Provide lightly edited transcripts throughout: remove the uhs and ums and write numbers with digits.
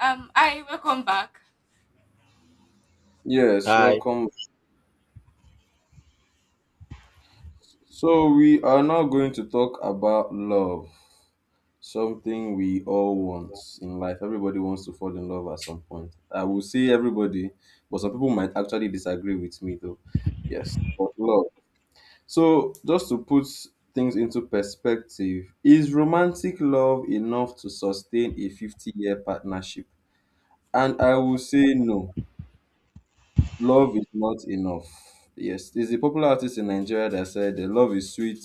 Hi, welcome back. Yes, Hi. welcome. So, we are now going to talk about love, something we all want in life. Everybody wants to fall in love at some point. I will say everybody, but some people might actually disagree with me though. Yes, but love. So, just to put things into perspective, is romantic love enough to sustain a 50-year partnership? And I will say no. Love is not enough. Yes, there's a popular artist in Nigeria that said the love is sweet,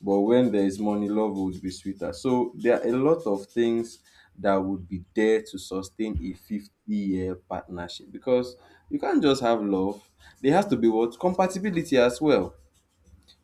but when there is money, love would be sweeter. So there are a lot of things that would be there to sustain a 50-year partnership because you can't just have love. There has to be what compatibility as well.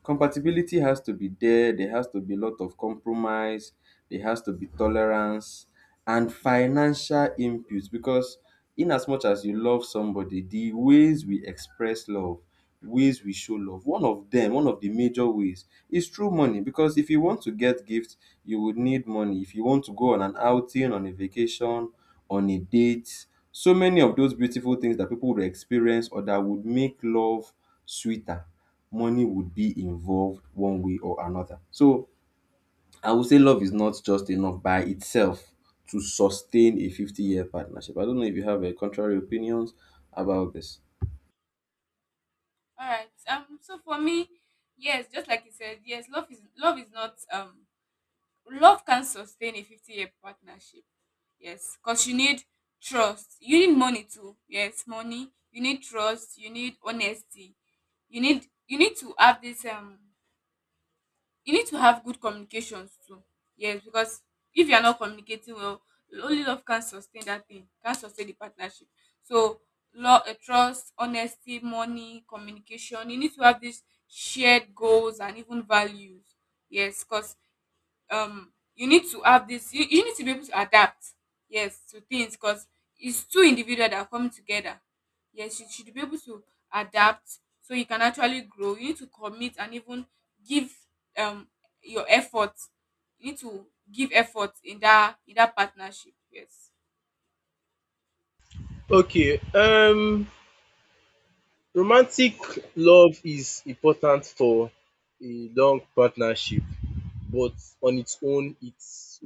Compatibility has to be there, there has to be a lot of compromise, there has to be tolerance and financial input because in as much as you love somebody, the ways we express love ways we show love. One of the major ways is through money because if you want to get gifts, you would need money. If you want to go on an outing, on a vacation, on a date, so many of those beautiful things that people would experience or that would make love sweeter, money would be involved one way or another. So I would say love is not just enough by itself to sustain a 50-year partnership. I don't know if you have a contrary opinions about this. All right. So for me, yes, just like you said, yes, love is not love can sustain a 50 year partnership. Yes, because you need trust. You need money too. Yes, money. You need trust. You need honesty. You need to have this you need to have good communications too. Yes, because if you are not communicating well, only love can sustain that thing, can sustain the partnership. So, love, trust, honesty, money, communication. You need to have these shared goals and even values. Yes, because you need to have you need to be able to adapt, yes, to things because it's two individuals that are coming together, yes, you should be able to adapt so you can actually grow. You need to commit and even give, um your effort. You need to give effort in that partnership, yes. Okay, romantic love is important for a long partnership, but on its own it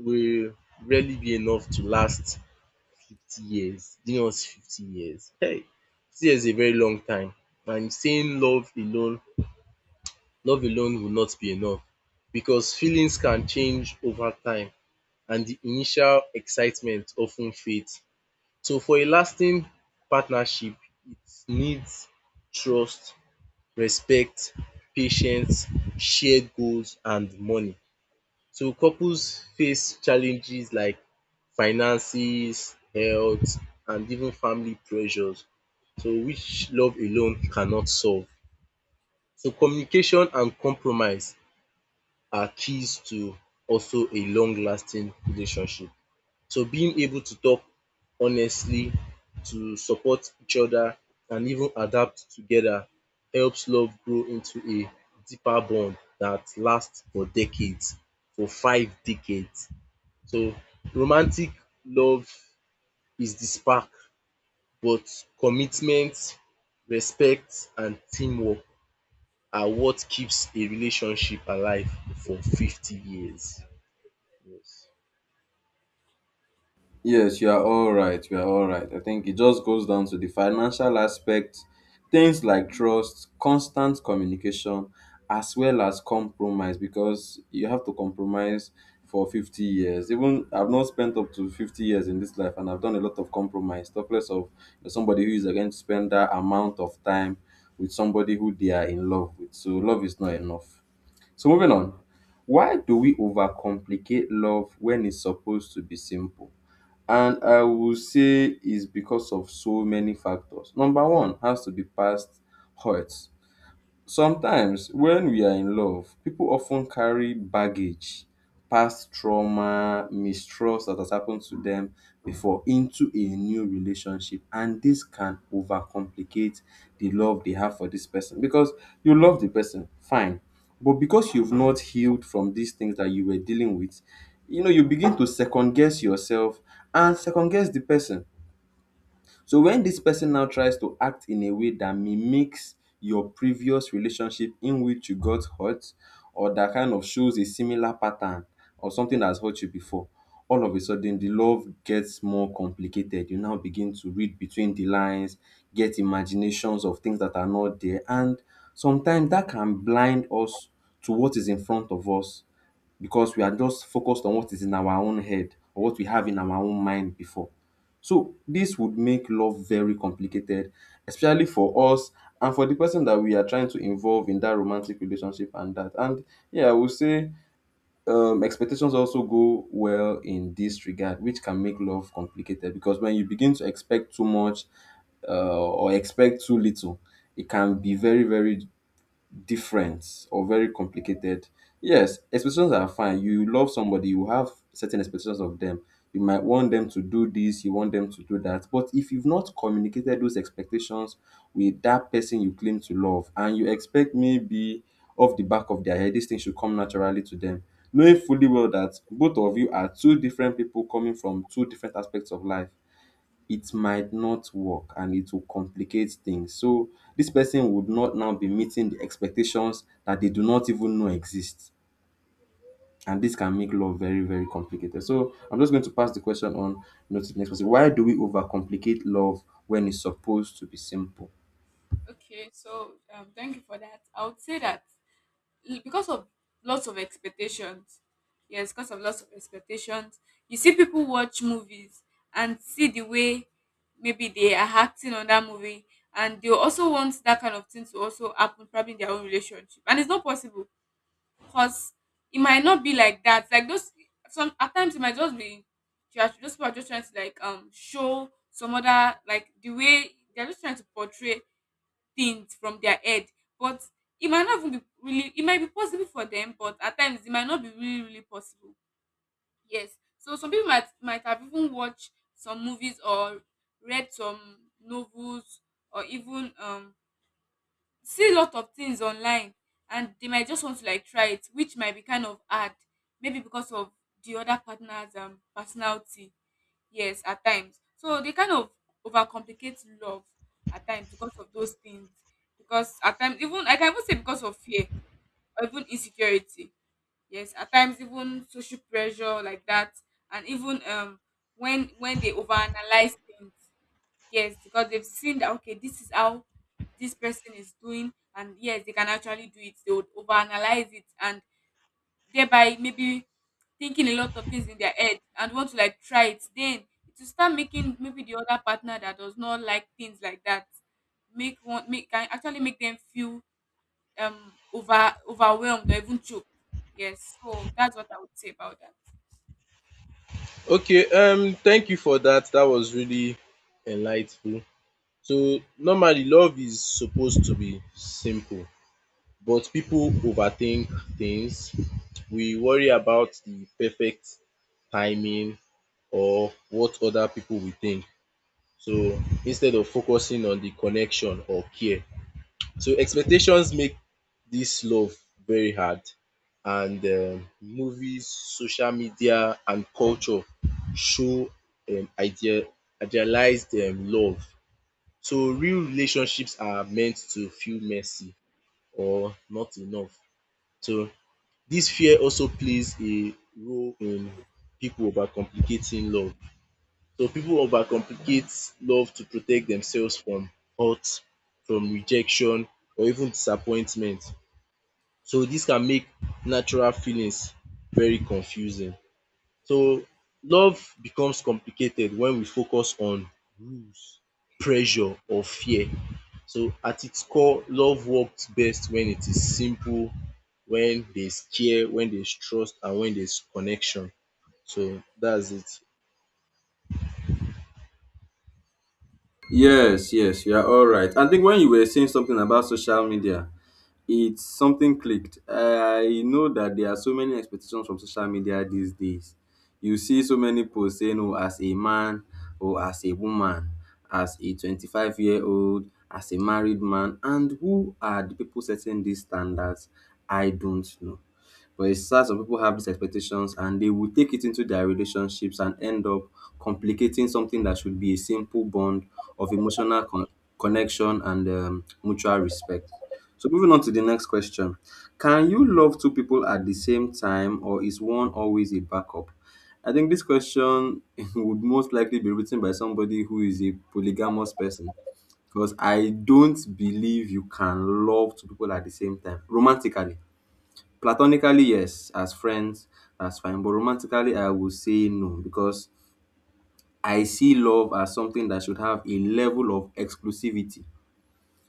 will rarely be enough to last 50 years. Do you know what's 50 years? Hey, 50 years is a very long time, and saying love alone will not be enough because feelings can change over time and the initial excitement often fades. So for a lasting partnership, it needs trust, respect, patience, shared goals and money. So couples face challenges like finances, health and even family pressures, so which love alone cannot solve. So communication and compromise are keys to also a long lasting relationship. So being able to talk honestly, to support each other and even adapt together helps love grow into a deeper bond that lasts for decades, for 5 decades. So romantic love is the spark, but commitment, respect and teamwork are what keeps a relationship alive for 50 years. Yes, you are all right. You are all right. I think it just goes down to the financial aspect, things like trust, constant communication, as well as compromise, because you have to compromise for 50 years. Even I've not spent up to 50 years in this life, and I've done a lot of compromise, talk less of somebody who is going to spend that amount of time with somebody who they are in love with. So, love is not enough. So, moving on. Why do we overcomplicate love when it's supposed to be simple? And I will say it's because of so many factors. Number one has to be past hurts. Sometimes, when we are in love, people often carry baggage, past trauma, mistrust that has happened to them before into a new relationship. And this can overcomplicate the love they have for this person because you love the person, fine. But because you've not healed from these things that you were dealing with, you know, you begin to second guess yourself and second guess the person so when this person now tries to act in a way that mimics your previous relationship in which you got hurt or that kind of shows a similar pattern or something that's hurt you before, all of a sudden the love gets more complicated. You now begin to read between the lines, get imaginations of things that are not there, and sometimes that can blind us to what is in front of us because we are just focused on what is in our own head or what we have in our own mind before. So this would make love very complicated especially for us and for the person that we are trying to involve in that romantic relationship and that. And yeah, I would say expectations also go well in this regard, which can make love complicated because when you begin to expect too much or expect too little, it can be very, very different or very complicated. Yes, expectations are fine. You love somebody, you have certain expectations of them. You might want them to do this, you want them to do that. But if you've not communicated those expectations with that person you claim to love, and you expect maybe off the back of their head, this thing should come naturally to them, knowing fully well that both of you are two different people coming from two different aspects of life it might not work and it will complicate things. So this person would not now be meeting the expectations that they do not even know exist. And this can make love very, very complicated. So I'm just going to pass the question on you know, to the next person. Why do we overcomplicate love when it's supposed to be simple? Okay, so thank you for that. I would say that, because of lots of expectations. Yes, because of lots of expectations, you see people watch movies and see the way maybe they are acting on that movie, and they also want that kind of thing to also happen probably in their own relationship, and it's not possible because it might not be like that. Like those, some at times it might just be, those people are just trying to, like, show some other, like the way they're just trying to portray things from their head. But it might not even be really, it might be possible for them, but at times it might not be really, really possible. Yes. So some people might have even watched some movies, or read some novels, or even, see a lot of things online, and they might just want to, like, try it, which might be kind of hard, maybe because of the other partner's, personality. Yes, at times, so they kind of overcomplicate love at times because of those things. Because at times, even I can even say because of fear or even insecurity. Yes, at times, even social pressure like that, and even, when they overanalyze things. Yes, because they've seen that, okay, this is how this person is doing, and yes, they can actually do it. They would overanalyze it and thereby maybe thinking a lot of things in their head and want to, like, try it. Then it will start making maybe the other partner that does not like things like that, make one make can actually make them feel, overwhelmed or even choked. Yes, so that's what I would say about that. Okay, thank you for that. That was really enlightful. So normally love is supposed to be simple, but people overthink things. We worry about the perfect timing or what other people will think. So instead of focusing on the connection or care. So expectations make this love very hard, and movies, social media and culture show um idea idealized love. So real relationships are meant to feel messy or not enough. So this fear also plays a role in people overcomplicating love. So people overcomplicate love to protect themselves from hurt, from rejection or even disappointment. So this can make natural feelings very confusing. So love becomes complicated when we focus on rules, pressure or fear. So at its core, love works best when it is simple, when there is care, when there is trust and when there is connection. So that's it. Yes, yes, you are all right. I think when you were saying something about social media, it's something clicked. I know that there are so many expectations from social media these days. You see so many posts saying, oh, as a man, or as a woman, as a 25-year-old, as a married man. And who are the people setting these standards? I don't know. But it's sad some people have these expectations and they will take it into their relationships and end up complicating something that should be a simple bond of connection and mutual respect. So moving on to the next question. Can you love two people at the same time or is one always a backup? I think this question would most likely be written by somebody who is a polygamous person because I don't believe you can love two people at the same time romantically. Platonically, yes, as friends, that's fine. But romantically, I would say no because I see love as something that should have a level of exclusivity.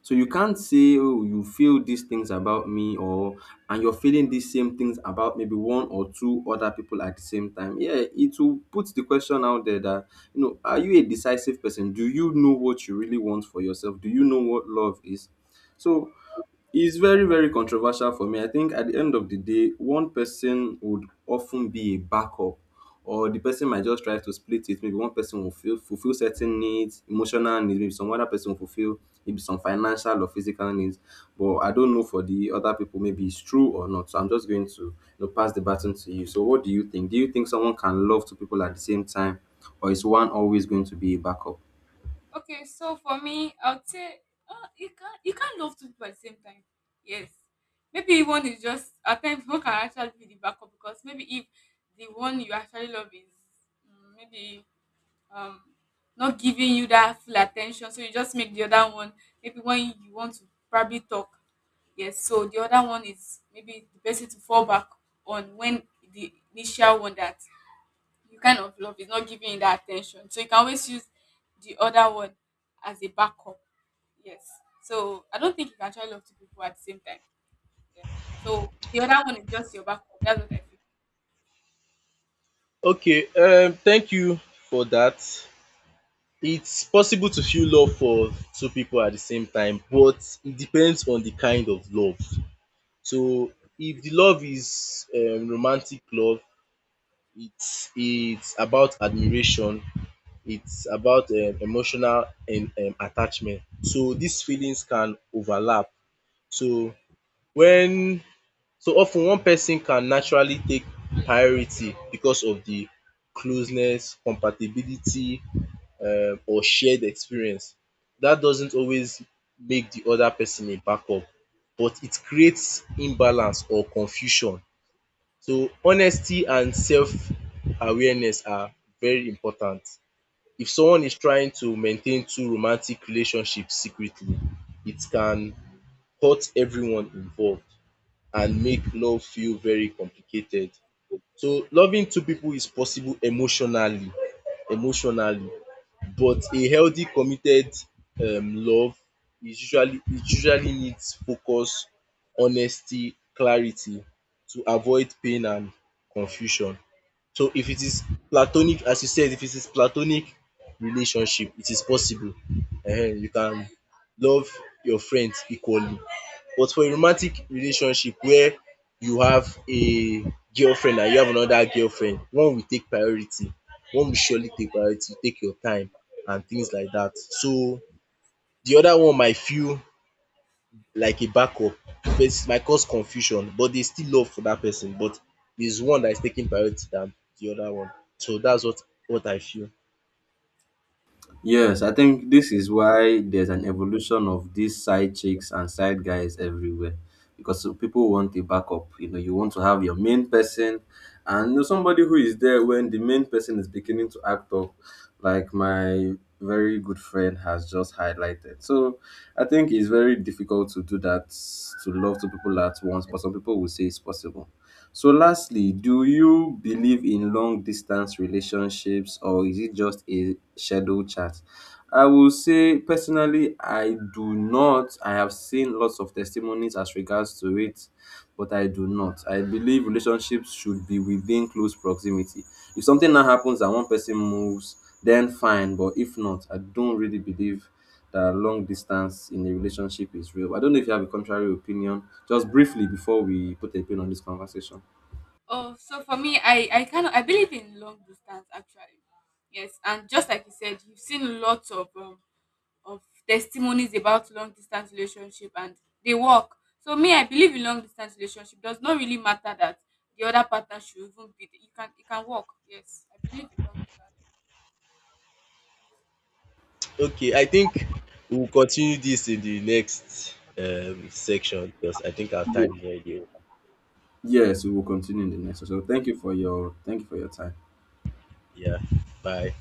So you can't say, oh, you feel these things about me, or and you're feeling these same things about maybe one or two other people at the same time. Yeah, it will put the question out there that, you know, are you a decisive person? Do you know what you really want for yourself? Do you know what love is? So it's very, very controversial for me. I think at the end of the day, one person would often be a backup, or the person might just try to split it. Maybe one person will feel, fulfill certain needs, emotional needs, maybe some other person will fulfill maybe some financial or physical needs. But I don't know for the other people, maybe it's true or not. So I'm just going to you know, pass the baton to you. So, what do you think? Do you think someone can love two people at the same time, or is one always going to be a backup? Okay, so for me, I would say, you can't love two people at the same time. Yes, maybe one is just, at times one can actually be the backup, because maybe if the one you actually love is, maybe, um not giving you that full attention, so you just make the other one, maybe when you want to probably talk. Yes, so the other one is maybe the person to fall back on when the initial one that you kind of love is not giving you that attention. So you can always use the other one as a backup. Yes. So I don't think you can try love two people at the same time. Yeah. So the other one is just your backup. That's what I feel. Okay, thank you for that. It's possible to feel love for two people at the same time, but it depends on the kind of love. So if the love is romantic love, it's about admiration, it's about emotional and attachment. So these feelings can overlap. So when so often one person can naturally take priority because of the closeness, compatibility or shared experience. That doesn't always make the other person a backup, but it creates imbalance or confusion. So honesty and self-awareness are very important. If someone is trying to maintain two romantic relationships secretly, it can hurt everyone involved and make love feel very complicated. So loving two pipu is possible emotionally, but a healthy committed love is usually it usually needs focus, honesty, clarity to avoid pain and confusion. So if it is platonic, as you said, if it is platonic relationship it is possible, you can love your friends equally. But for a romantic relationship where you have a girlfriend and you have another girlfriend, one will take priority, one will surely take priority, take your time and things like dat. So de other one might feel like a backup, it might cause confusion, but dey still love for dat person, but there is one dat is taking priority than de other one. So dats what I feel. Yes, I think this is why there's an evolution of these side chicks and side guys everywhere because so people want a backup. You know, you want to have your main person and you know, somebody who is there when the main person is beginning to act up, like my very good friend has just highlighted. So I think it's very difficult to do that to love two people at once, but some people will say it's possible. So lastly, do you believe in long distance relationships or is it just a shadow chat? I will say personally, I do not. I have seen lots of testimonies as regards to it, but I do not. I believe relationships should be within close proximity. If something now happens and one person moves, then fine. But if not, I don't really believe that long distance in a relationship is real. I don't know if you have a contrary opinion. Just briefly before we put a pin on this conversation. Oh, so for me, I kind of, I believe in long distance actually. Yes, and just like you said, you've seen lots of, of testimonies about long distance relationship, and they work. So me, I believe in long distance relationship. Does not really matter that the other partner should even be there. You can, it can work. Yes, I believe in long. Okay, I think we will continue dis in de next section because I think our Ye- time is already over. Yes, we will continue in the next. So thank you for your time. Yeah, bye.